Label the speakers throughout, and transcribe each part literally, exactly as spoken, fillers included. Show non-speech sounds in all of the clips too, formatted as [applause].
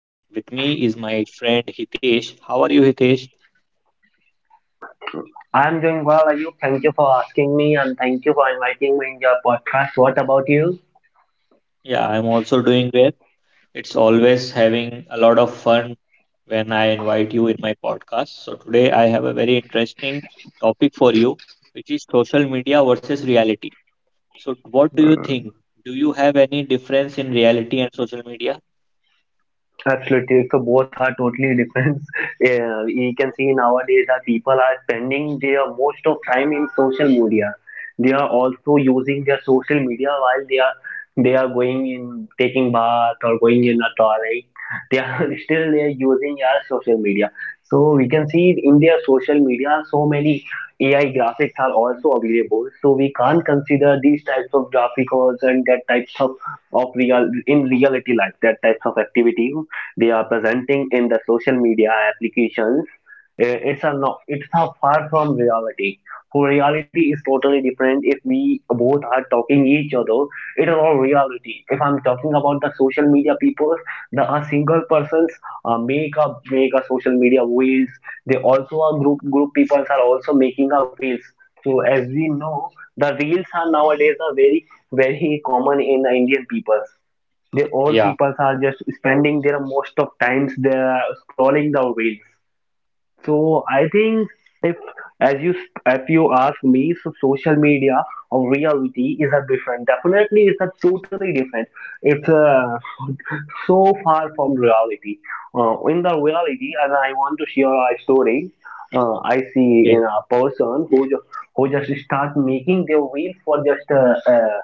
Speaker 1: and with me is my friend Hitesh. How are you, Hitesh?
Speaker 2: I'm doing well, are you? Thank you for asking me and thank you for inviting me in your podcast. What about you?
Speaker 1: Yeah, I'm also doing great. It's always having a lot of fun when I invite you in my podcast. So today I have a very interesting topic for you, which is social media versus reality. So what do you think? Do you have any difference in reality and social media?
Speaker 2: Absolutely. So both are totally different. [laughs] Yeah, you can see nowadays that people are spending their most of time in social media. They are also using their social media while they are they are going in taking bath or going in a toilet. They are [laughs] still they are using our social media. So we can see in their social media so many A I graphics are also available. So we can't consider these types of graphics and that types of of real in reality life, that types of activity they are presenting in the social media applications. Eh, it's a no, it's a far from reality. So reality is totally different. If we both are talking each other, it is all reality. If I'm talking about the social media people, the a single persons uh, make a make a social media wheels. They also are group group peoples are also making a wheels. So as we know, the reels are nowadays are very very common in the indian people. The all
Speaker 1: Yeah.
Speaker 2: people are just spending their most of times they are scrolling the reels. So I think, if, as you, if you ask me, so social media or reality is a different. Definitely, it's a totally different. It's uh, [laughs] so far from reality. Uh, in the reality, and I want to share a story. Uh, I see
Speaker 1: Okay.
Speaker 2: in a person who ju- who just start making their reels for just uh, uh,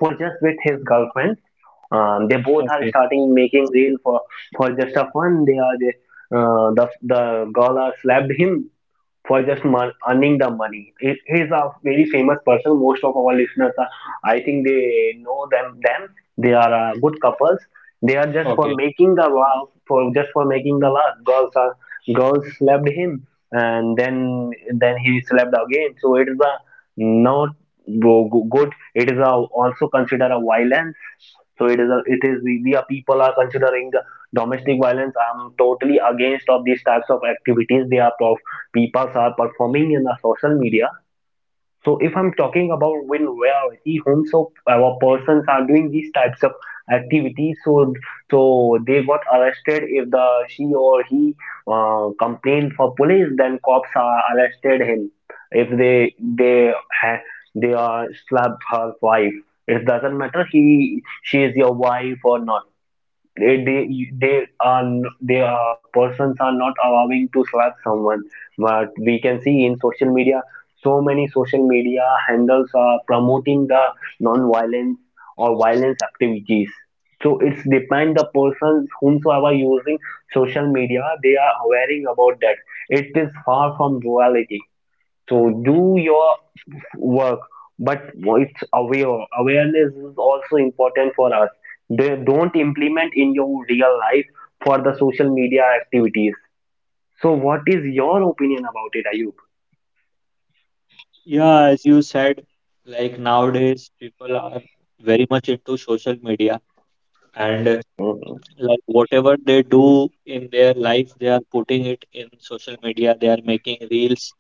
Speaker 2: for just with his girlfriend. Um, they both are
Speaker 1: Okay.
Speaker 2: starting making reel for for just a fun. They are the uh, the the girl has slapped him for just mon- earning the money. He he is a very famous person. Most of our listeners are, I think they know them. Them they are uh, good couples. They are just for
Speaker 1: Okay.
Speaker 2: making the wow, for just for making the laugh. Girls are girls slapped him and then then he slapped again. So it is a not go- go- good, it is a, also considered a violence. So it is a, it is we, we are people are considering the domestic violence. I'm totally against of these types of activities they are of people are performing in the social media. So if I'm talking about when reality homes of our persons are doing these types of activities, so so they got arrested. If the she or he uh, complained for police, then cops are arrested him. If they they ha- they are slapped her wife, it doesn't matter he she is your wife or not. They they they are they are persons are not allowing to slap someone. But we can see in social media so many social media handles are promoting the non-violence or violence activities. So it's depend the persons whomsoever using social media, they are aware about that. It is far from duality. So do your work, but it's aware awareness is also important for us. They don't implement in your real life for the social media activities. So what is your opinion about it, ayub?
Speaker 1: Yeah, as you said, like nowadays people are very much into social media and uh, like whatever they do in their life, they are putting it in social media. They are making reels,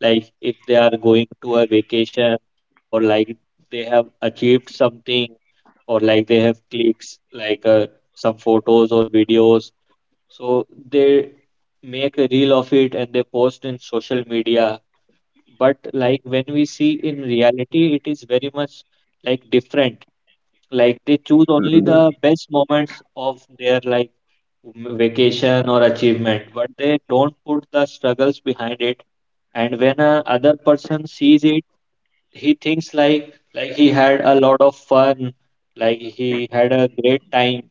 Speaker 1: like if they are going to a vacation or like they have achieved something or like they have clicks, like uh, some photos or videos. So they make a reel of it and they post in social media, but like when we see in reality, it is very much like different, like they choose only
Speaker 2: Mhm.
Speaker 1: the best moments of their like m- vacation or achievement, but they don't put the struggles behind it. And when a other person sees it, he thinks like like he had a lot of fun, like he had a great time.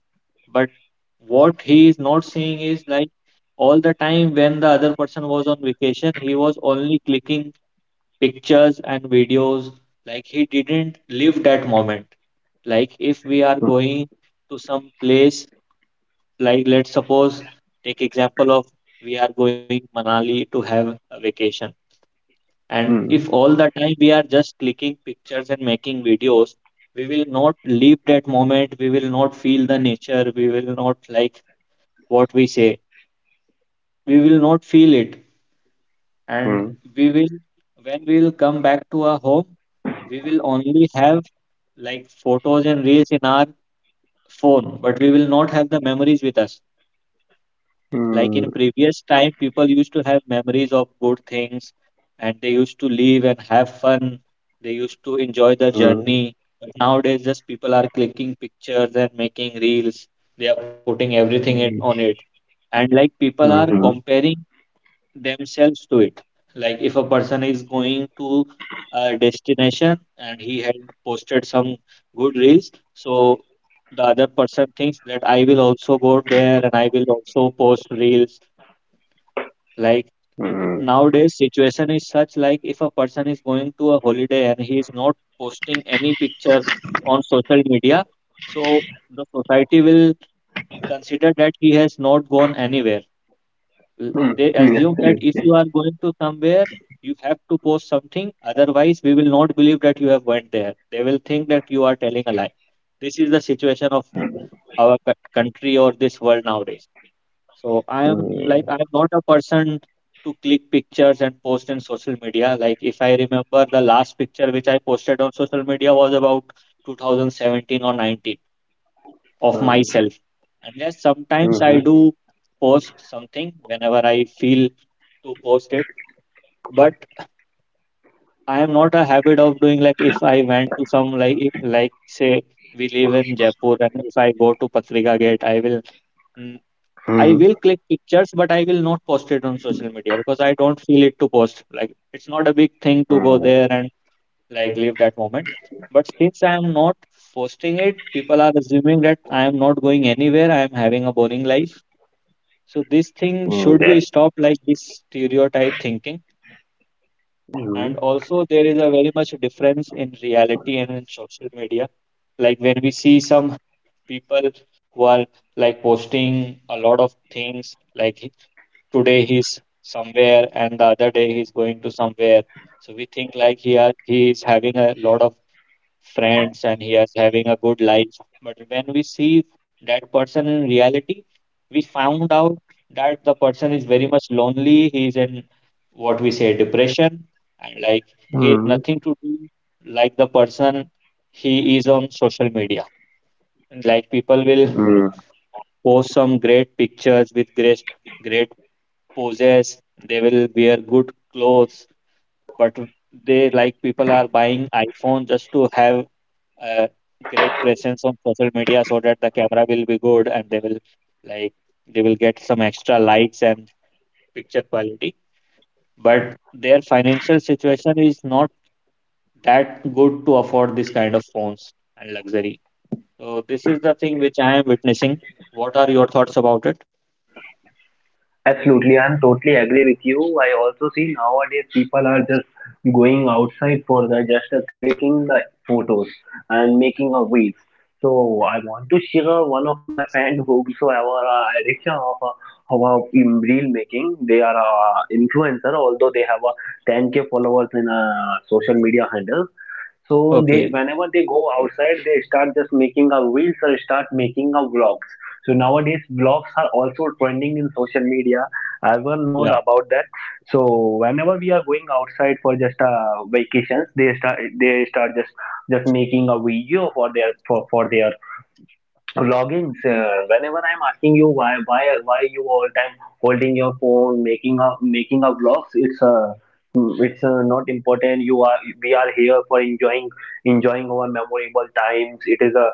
Speaker 1: But what he is not seeing is like all the time when the other person was on vacation, he was only clicking pictures and videos, like he didn't live that moment. Like if we are going to some place, like let's suppose, take example of, we are going Manali to have a vacation, and if
Speaker 2: Mhm.
Speaker 1: all the time we are just clicking pictures and making videos, we will not live that moment, we will not feel the nature, we will not, like, what we say, we will not feel it. And
Speaker 2: Mhm.
Speaker 1: we will, when we will come back to our home, we will only have like photos and reels in our phone, but we will not have the memories with us. Like in
Speaker 2: Mhm.
Speaker 1: previous time, people used to have memories of good things, and they used to live and have fun. They used to enjoy the
Speaker 2: Mhm.
Speaker 1: journey. But nowadays, just people are clicking pictures and making reels. They are putting everything it- on it. And like people are
Speaker 2: Mhm. Mhm.
Speaker 1: comparing themselves to it. Like if a person is going to a destination and he had posted some good reels, so the other person thinks that I will also go there and I will also post reels. Like
Speaker 2: Mhm.
Speaker 1: nowadays, situation is such like if a person is going to a holiday and he is not posting any picture on social media, so the society will consider that he has not gone anywhere. Uh,
Speaker 2: Mhm.
Speaker 1: They
Speaker 2: Mhm.
Speaker 1: assume that if
Speaker 2: Absolutely.
Speaker 1: you are going to somewhere, you have to post something. Otherwise, we will not believe that you have went there. They will think that you are telling a lie. This is the situation of our co- country or this world nowadays. So I am, like,
Speaker 2: Mhm.
Speaker 1: I'm not a person to click pictures and post in social media. Like if I remember, the last picture which I posted on social media was about two thousand seventeen or nineteen of
Speaker 2: Mhm.
Speaker 1: myself. And yes, sometimes
Speaker 2: Mhm.
Speaker 1: I
Speaker 2: Mhm.
Speaker 1: do post something whenever I feel to post it, but I am not a habit of doing, like if I went to some, like if, like say we live in Jaipur and if I go to Patrika Gate, I will mm, I will click pictures, but I will not post it on social media because I don't feel it to post, like it's not a big thing to go
Speaker 2: Mhm.
Speaker 1: there and like live that moment. But since I am not posting it, people are assuming that I am not going anywhere, I am having a boring life. So this thing
Speaker 2: Mhm.
Speaker 1: should be stopped, like this stereotype thinking.
Speaker 2: Mhm.
Speaker 1: And also, there is a very much difference in reality and in social media. Like when we see some people who are like posting a lot of things, like he- today he's somewhere and the other day he's going to somewhere. So we think like he are, he is having a lot of friends and he is having a good life. But when we see that person in reality, we found out that the person is very much lonely. He is in, what we say, depression, and like he has
Speaker 2: Mhm.
Speaker 1: nothing to do, like the person, he is on social media. Like people will
Speaker 2: Mhm.
Speaker 1: post some great pictures with great great poses. They will wear good clothes, but they, like people are buying iPhone just to have a great presence on social media so that the camera will be good and they will, like, they will get some extra likes and picture quality, but their financial situation is not that good to afford this kind of phones and luxury. So this is the thing which I am witnessing. What are your thoughts about it?
Speaker 2: Absolutely, I'm totally agree with you. I also see nowadays people are just going outside for the just uh, clicking the photos and making a reels. So I want to share one of my friend whomsoever uh, addiction of uh, of uh, in reel making. They are uh, influencer, although they have a ten k followers in uh, social media handle. So they
Speaker 1: Okay.
Speaker 2: whenever they go outside, they start just making a reels or start making a vlogs. So nowadays vlogs are also trending in social media. Everyone know
Speaker 1: Yeah.
Speaker 2: about that. So whenever we are going outside for just a vacations, they start they start just just making a video for their for, for their vlogging, sir. Whenever I'm asking you why, why, why you all time holding your phone, making a making a vlogs, it's uh, it's uh, not important. You are we are here for enjoying enjoying our memorable times. It is a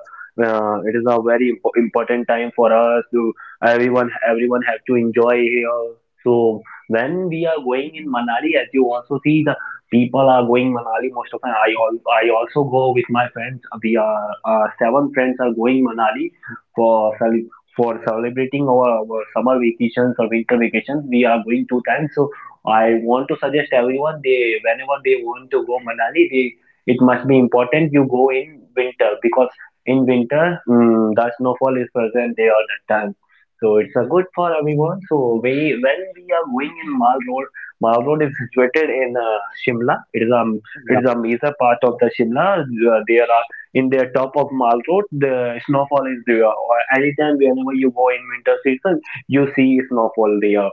Speaker 2: uh, it is a very impo- important time for us to everyone everyone have to enjoy here. So when we are going in Manali, as you also see the people are going Manali most of the time. I, al- I also go with my friends. We are uh, seven friends are going Manali for cele- for celebrating our, our summer vacations or winter vacations. We are going two times. So I want to suggest everyone, they whenever they want to go Manali, they it must be important you go in winter, because in winter, mm, the snowfall is present there all the time. So it's a good for everyone. So we when we are going in Mal Road, Mal Road is situated in uh, Shimla. It is um it
Speaker 1: Yeah,
Speaker 2: is a major part of the Shimla. Uh, There are in the top of Mall Road, the snowfall is there. Or anytime, whenever you go in winter season, you see snowfall there.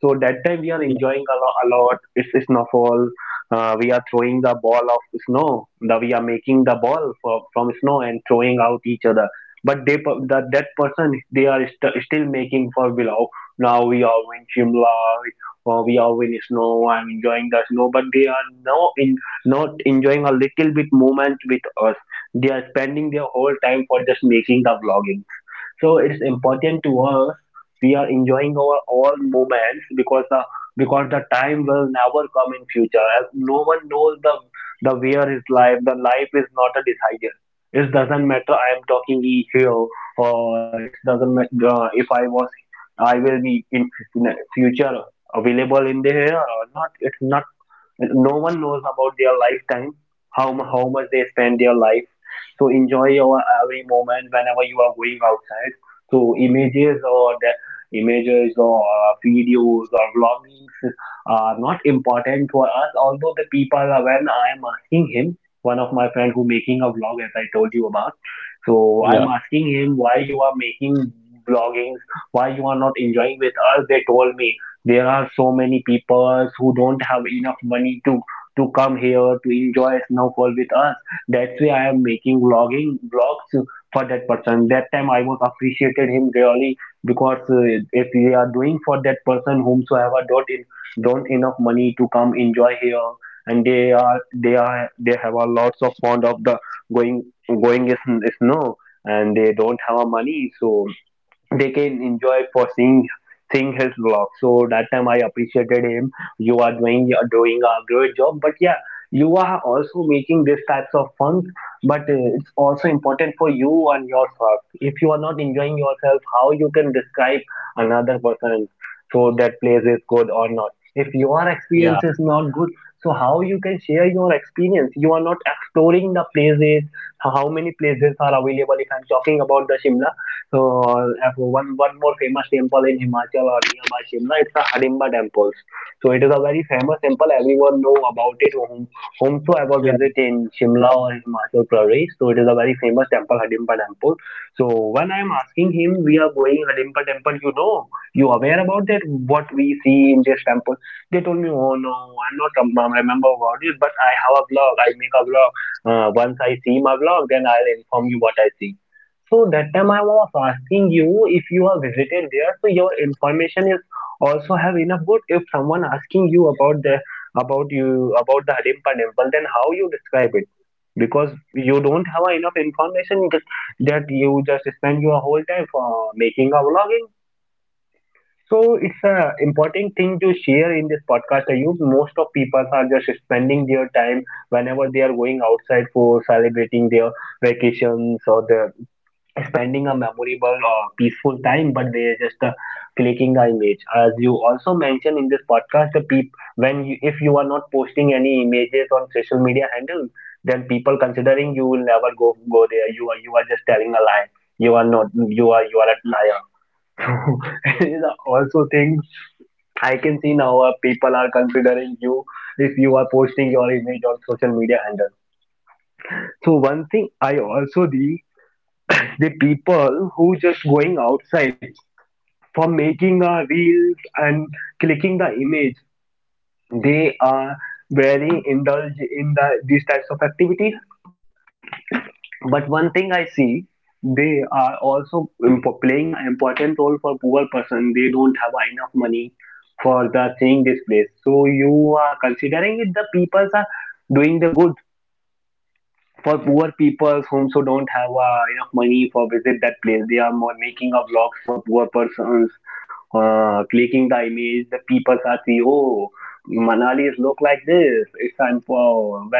Speaker 2: So that time we are
Speaker 1: yeah,
Speaker 2: enjoying a lot. A lot. It's a snowfall. Uh, we are throwing the ball of snow. The, we are making the ball for, from snow and throwing out each other. But they per- that that person they are st- still making for below. Now we are in Shimla. Uh, we are in snow. I'm enjoying the snow, but they are now in not enjoying a little bit moment with us. They are spending their whole time for just making the vlogging. So it's important to us. We are enjoying our all moments because the because the time will never come in future. As no one knows the the where is life. The life is not a decider. It doesn't matter. I am talking here or it doesn't matter. Uh, if I was I will be in future available in the here or not. It's not, no one knows about their lifetime how mu- how much they spend their life. So enjoy your uh, every moment whenever you are going outside. So images or the images or uh, videos or vloggings are not important for us. Although the people are, when I am asking him one of my friend who making a vlog as I told you about, so I'm
Speaker 1: yeah,
Speaker 2: asking him, why you are making vloggings, why you are not enjoying with us? They told me, there are so many people who don't have enough money to to come here to enjoy snowfall with us. That's why I am making vlogging vlogs for that person. That time I was appreciated him really, because uh, if we are doing for that person whomsoever don't in, don't enough money to come enjoy here, and they are they are they have a lots of fond of the going going is snow, and they don't have a money, so they can enjoy for seeing seeing his vlog. So that time I appreciated him. You are doing you are doing a great job. But yeah, you are also making these types of fun. But uh, it's also important for you and yourself. If you are not enjoying yourself, how you can describe another person, so that place is good or not. If your
Speaker 1: yeah,
Speaker 2: experience is not good, so how you can share your experience? You are not exploring the places. How many places are available? If I'm talking about the Shimla, so uh, one one more famous temple in Himachal or nearby Shimla, it's the Hardimba temples. So it is a very famous temple. Everyone know about it. Whom, whomsoever
Speaker 1: yeah,
Speaker 2: visit in Shimla or in Himachal Pradesh, so it is a very famous temple, Hardimba temple. So when I am asking him, we are going Hardimba temple. You know, you aware about that? What we see in this temple? They told me, oh no, I'm not um, remember about it, but I have a blog. I make a blog. Uh, once I see my blog, then I'll inform you what I see. So that time I was asking you, if you have visited there, so your information is also have enough good. If someone asking you about the about you about the Hidimba temple, then how you describe it? Because you don't have enough information just- that you just spend your whole time for making a vlogging. So it's a important thing to share in this podcast. You most of people are just spending their time whenever they are going outside for celebrating their vacations or the spending a memorable or peaceful time, but they are just uh, clicking the image. As you also mentioned in this podcast, the peop when you, if you are not posting any images on social media handles, then people considering you will never go go there. You are you are just telling a lie. You are not. You are you are a liar. [laughs] So
Speaker 1: yeah,
Speaker 2: these also things I can see now uh, people are considering you if you are posting your image on social media handle. So one thing I also the people who just going outside for making a reels and clicking the image they are very indulged in the these types of activities but one thing I see they are also impo- playing an important role for poor person they don't have enough money for the seeing this place so you are considering it the people are doing the good for poor people whom so don't have uh, enough money for visit that place. They are more making a vlog for poor persons, uh, clicking the image. The people are see, oh, Manali is look like this. It's time for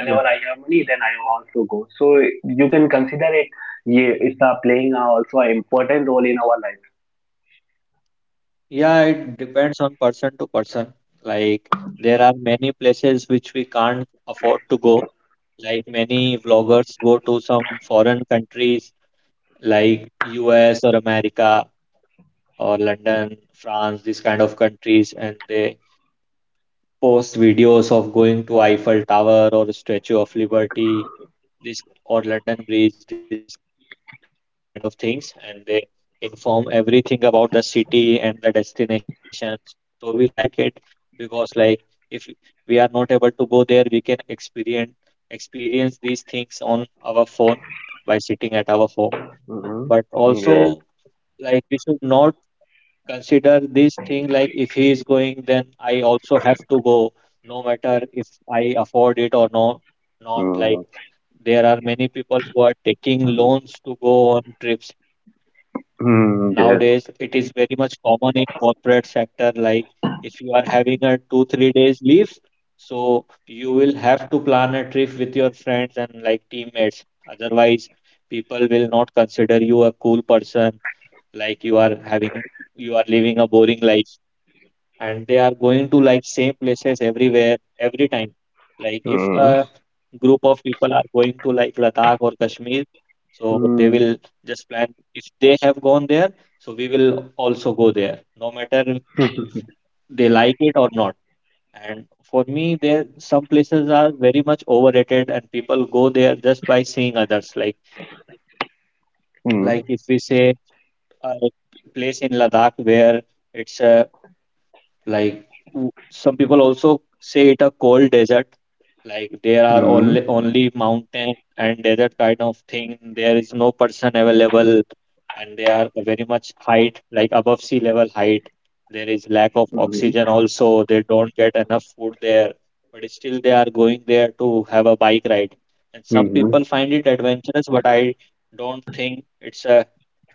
Speaker 1: yeah,
Speaker 2: I have money, then I also go. So you can consider it. Yeah, it's uh, playing uh, also an important role in our life.
Speaker 1: yeah. it depends on person to person. Like there are many places which we can't afford to go. Like many vloggers go to some foreign countries like U S or America or London, France, these kind of countries, and they post videos of going to Eiffel Tower or Statue of Liberty, this or London Bridge, these kind of things, and they inform everything about the city and the destination. So we like it because like if we are not able to go there, we can experience experience these things on our phone by sitting at our home.
Speaker 2: Hmm.
Speaker 1: But
Speaker 2: Yes.
Speaker 1: also, like we should not consider this thing, like if he is going then I also have to go, no matter if I afford it or no not, like
Speaker 2: Mm.
Speaker 1: there are many people who are taking loans to go on trips.
Speaker 2: Mm, yes.
Speaker 1: Nowadays it is very much common in corporate sector, like if you are having a two three days leave, so you will have to plan a trip with your friends and like teammates, otherwise people will not consider you a cool person, like you are having, you are living a boring life, and they are going to like same places everywhere every time. Like if
Speaker 2: Mm.
Speaker 1: a group of people are going to like Ladakh or Kashmir, so they
Speaker 2: Mm.
Speaker 1: will just plan, if they have gone there, so we will also go there no matter if they like it or not. And for me, there some places are very much overrated and people go there just by seeing others, like like if
Speaker 2: Mm.
Speaker 1: we say a place in Ladakh where it's a, like w- some people also say it a cold desert. Like there are
Speaker 2: Mm.
Speaker 1: only only mountain and desert kind of thing. There is no person available, and they are very much height like above sea level height. There is lack of oxygen also. They don't get enough food there, but still they are going there to have a bike ride. And some
Speaker 2: Mm.
Speaker 1: people find it adventurous, but I don't think it's a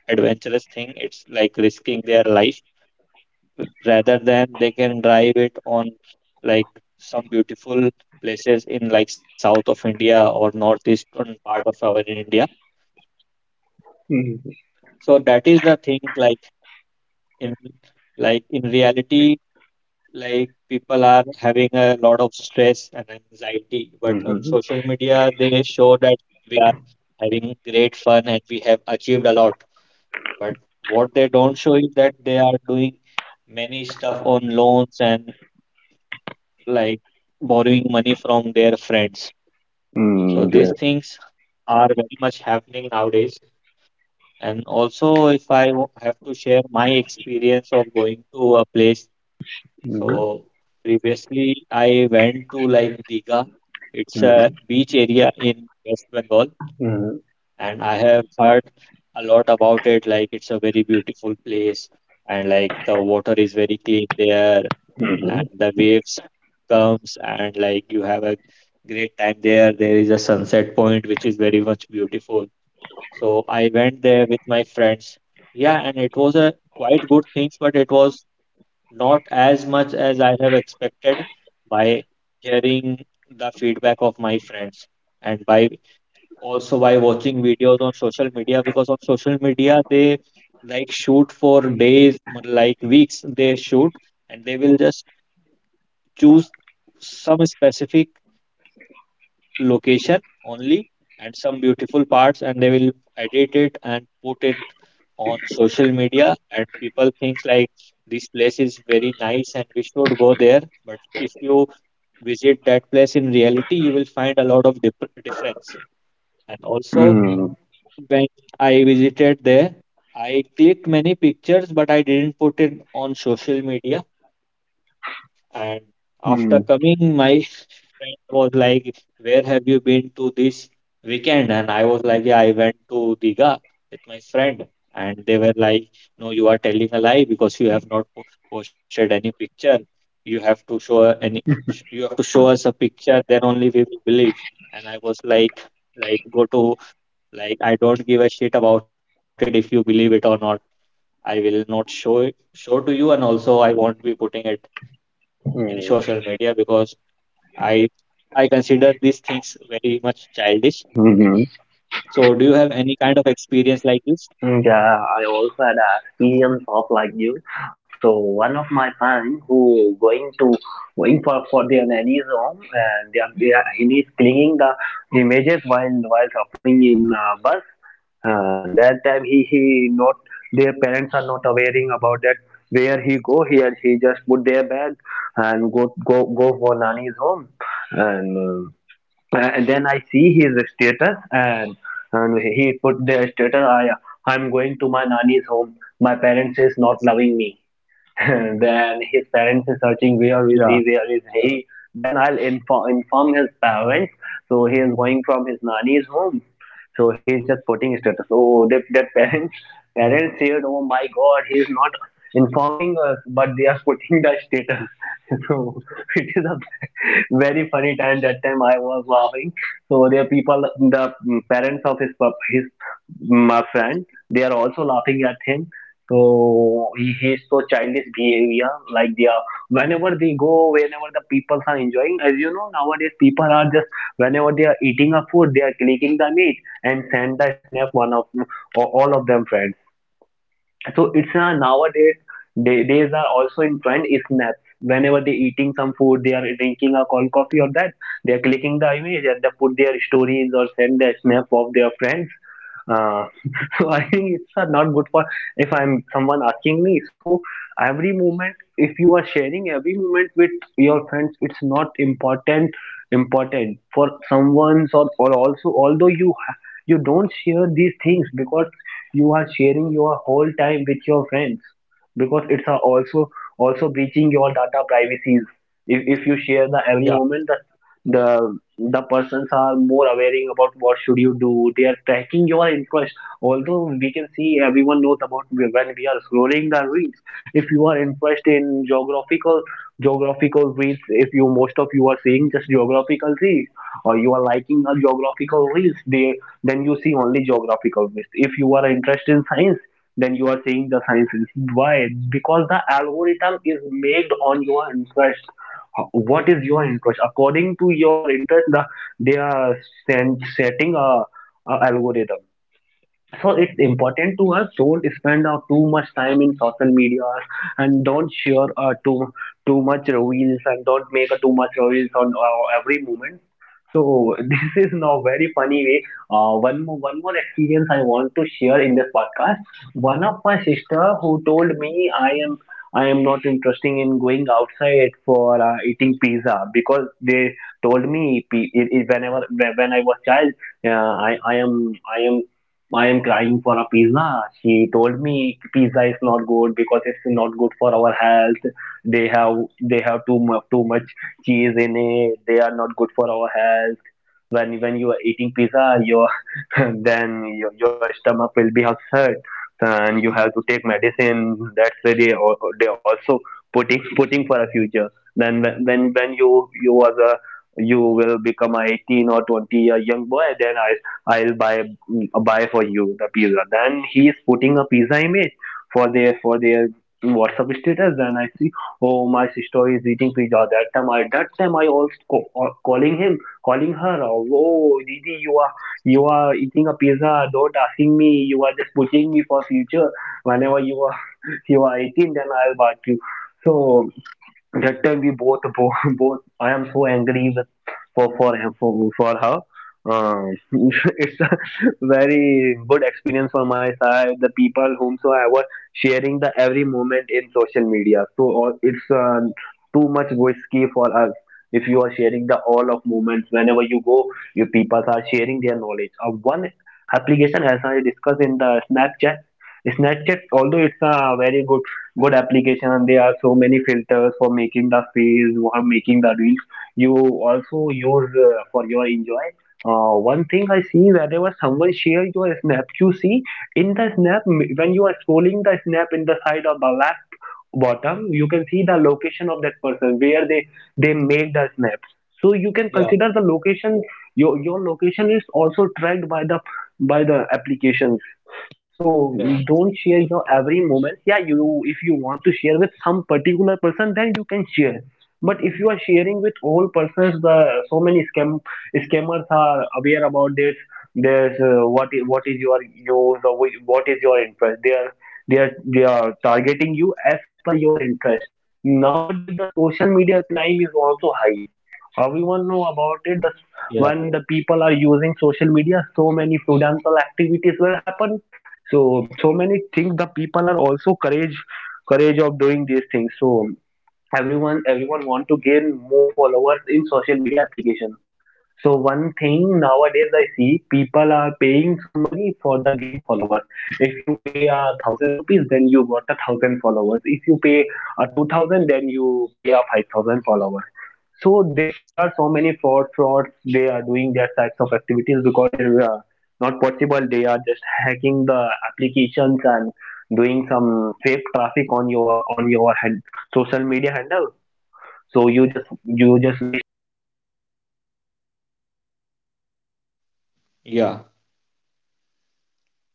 Speaker 1: adventurous thing. It's like risking their life, rather than they can drive it on like some beautiful places in like south of India or northeastern part of our India.
Speaker 2: Mm.
Speaker 1: So that is the thing like in like in reality, like people are having a lot of stress and anxiety,
Speaker 2: Mm.
Speaker 1: but on
Speaker 2: Mm.
Speaker 1: social media they show that we are having great fun and we have achieved a lot. But what they don't show is that they are doing many stuff on loans and like borrowing money from their friends. So
Speaker 2: Mm,
Speaker 1: these
Speaker 2: yes.
Speaker 1: things are very much happening nowadays. And also, if I w- have to share my experience of going to a place,
Speaker 2: Mhm,
Speaker 1: so previously I went to like Diga. It's a
Speaker 2: mhm,
Speaker 1: beach area in West Bengal,
Speaker 2: mhm,
Speaker 1: and I have heard a lot about it. Like it's a very beautiful place, and like the water is very clean there, and
Speaker 2: mhm,
Speaker 1: the waves comes, and like you have a great time there. There is a sunset point which is very much beautiful. So I went there with my friends. Yeah, and it was a quite good things, but it was not as much as I have expected by hearing the feedback of my friends and by also by watching videos on social media, because on social media they like shoot for days, like weeks they shoot, and they will just choose some specific location only and some beautiful parts and they will edit it and put it on social media and people think like this place is very nice and we should go there, but if you visit that place in reality you will find a lot of dif- difference. And also
Speaker 2: mhm,
Speaker 1: when I visited there, I clicked many pictures, but I didn't put it on social media. And after coming,
Speaker 2: mhm,
Speaker 1: my [laughs] friend was like, "Where have you been to this weekend?" And I was like, "Yeah, I went to Diga with my friend." And they were like, "No, you are telling a lie because you have not po- posted any picture. You have to show a- any, sh- you have to show us a picture, then only we will believe." And I was like, like go to, like I don't give a shit about it if you believe it or not. I will not show it show to you, and also I won't be putting it in social media
Speaker 2: mhm,
Speaker 1: because I I consider these things very much childish.
Speaker 2: mhm.
Speaker 1: So do you have any kind of experience like this?
Speaker 2: Mm, yeah, I also had an experience of like you. So one of my friend who going to going for for their nanny's home and they are, they are, he is cleaning the images while while shopping in uh, bus. Uh, that time he he not their parents are not awareing about that where he go here he just put their bag and go go go for nani's home and, uh, and then I see his status and and he put their status, I I'm going to my nani's home, my parents is not loving me. [laughs] Then his parents are searching where is he,
Speaker 1: Yeah,
Speaker 2: where is he. Then I'll inform inform his parents. So he is going from his nanny's home. So he's just putting status. Oh, that, that parents [laughs] parents said, oh my God, he is not informing us, but they are putting the status. [laughs] So it is a very funny time. That time I was laughing. So there are people, the parents of his pup- his my friend, they are also laughing at him so he hates so childish behavior like they are whenever they go, whenever the people are enjoying. As you know, nowadays people are just whenever they are eating a food, they are clicking the meat and send the snap one of all of them friends. So it's uh, nowadays they, these are also in trend is snaps. Whenever they eating some food, they are drinking a cold coffee or that, they are clicking the image and they put their stories or send their snap of their friends. Uh, [laughs] so I think it's uh, not good for if I'm someone asking me. So every moment, if you are sharing every moment with your friends, it's not important important for someone's or, or also although you you don't share these things because you are sharing your whole time with your friends because it's a also also breaching your data privacies. If, if you share the every moment, the
Speaker 1: yeah,
Speaker 2: the the persons are more aware about what should you do. They are tracking your interest. Although we can see everyone knows about when we are scrolling the reels. If you are interested in geographical geographical reels, if you most of you are seeing just geographical reels, or you are liking a geographical reels, they then you see only geographical waste. If you are interested in science, then you are seeing the sciences. Why? Because the algorithm is made on your interest. What is your interest? According to your interest, the, they are send, setting a, a algorithm so it's important to us don't spend uh, too much time in social media and don't share uh, too too much reels and don't make uh, too much reels on uh, every moment so [laughs] this is now very funny way. Uh, one more one more experience I want to share in this podcast. One of my sister who told me i am i am not interested in going outside for uh, eating pizza because they told me, pe- i- i- whenever when I was child, yeah, I, I am I am I am crying for a pizza. She told me pizza is not good because it's not good for our health. They have they have too much too much cheese in it. They are not good for our health when when you are eating pizza your [laughs] then your, your stomach will be upset and you have to take medicine that's why they or they also putting putting for a future then when when when you you was a you will become a eighteen or twenty year young boy then i i'll buy buy for you the pizza then he is putting a pizza image for their for their whatsapp status then I see oh my sister is eating pizza that time i that time i also co- calling him calling her out. Oh, Didi, you are you are eating a pizza. Don't asking me. You are just pushing me for future. Whenever you are [laughs] you are eighteen, then I'll back you. So that time we both [laughs] both, both I am so angry with for for for, for her. Um, [laughs] it's a very good experience for my side. The people whomsoever sharing the every moment in social media. So all- it's uh, too much risky for us. If you are sharing the all of moments whenever you go, you people are sharing their knowledge. Uh, one application as I discussed in the Snapchat. Snapchat, although it's a very good good application and there are so many filters for making the face or making the reels you also use uh, for your enjoy uh, one thing I see whenever someone shares your snap, you see in the snap m- when you are scrolling the snap in the side of the left bottom, you can see the location of that person where they they made the snap. So you can consider the location.
Speaker 1: yeah,
Speaker 2: Your your location is also tracked by the by the applications. So don't share your every
Speaker 1: yeah,
Speaker 2: moment. Yeah, you if you want to share with some particular person, then you can share. But if you are sharing with all persons, the so many scam scammers are aware about this. There's uh, what is what is your use or whi- what is your interest? They are they are they are targeting you as per your interest. Nowadays, the social media crime is also high everyone know about it the, when the
Speaker 1: yeah.
Speaker 2: people are using social media so many fraudulent activities will happen so so many things the people are also courage courage of doing these things. So everyone everyone want to gain more followers in social media application. So one thing nowadays I see people are paying some money for the game followers. If you pay a thousand rupees, then you got a thousand followers. If you pay a two thousand, then you pay a five thousand followers. So they, there are so many fraud frauds. They are doing their types of activities because it is uh, not possible. They are just hacking the applications and doing some fake traffic on your on your hand, social media handle so you just you just wasting your money for investing that types of uh, that types of
Speaker 1: Yeah,
Speaker 2: followers because this all followers are fake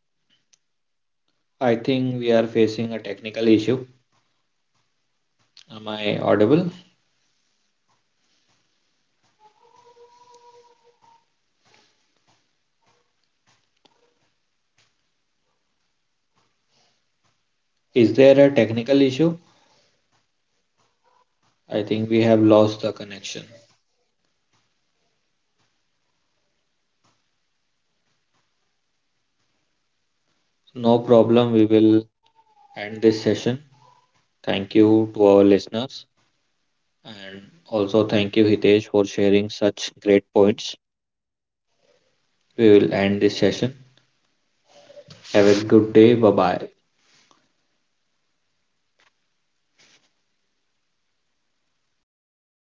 Speaker 2: so don't invest your money for this
Speaker 1: I
Speaker 2: team
Speaker 1: think we
Speaker 2: because
Speaker 1: are
Speaker 2: most
Speaker 1: facing
Speaker 2: of
Speaker 1: a technical
Speaker 2: most of
Speaker 1: issue.
Speaker 2: our generations are uh,
Speaker 1: Am I
Speaker 2: uh,
Speaker 1: audible?
Speaker 2: want to become a social media influencer because although they also are so many influencers, they are teaching us uh, so knowledgeful things. Also, my teachers are also making a reels,
Speaker 1: Is
Speaker 2: but
Speaker 1: there a
Speaker 2: they are also
Speaker 1: technical
Speaker 2: eh,
Speaker 1: issue?
Speaker 2: making a reels for the education.
Speaker 1: I think we
Speaker 2: So
Speaker 1: have lost
Speaker 2: although
Speaker 1: the
Speaker 2: the
Speaker 1: connection.
Speaker 2: social media is also important to us because uh, uh, so many so many knowledge are also available in the social media.
Speaker 1: No
Speaker 2: So
Speaker 1: problem,
Speaker 2: how
Speaker 1: we
Speaker 2: your
Speaker 1: will
Speaker 2: life in your
Speaker 1: end
Speaker 2: life
Speaker 1: this session.
Speaker 2: the social media
Speaker 1: Thank
Speaker 2: play
Speaker 1: you to
Speaker 2: important
Speaker 1: our
Speaker 2: role?
Speaker 1: listeners.
Speaker 2: Are you have you ever
Speaker 1: And
Speaker 2: experienced in
Speaker 1: also
Speaker 2: your
Speaker 1: thank
Speaker 2: life
Speaker 1: you,
Speaker 2: the
Speaker 1: Hitesh,
Speaker 2: social
Speaker 1: for
Speaker 2: media
Speaker 1: sharing
Speaker 2: played an
Speaker 1: such
Speaker 2: important
Speaker 1: great points. We will end this session. Have a good day. Bye bye.
Speaker 2: role?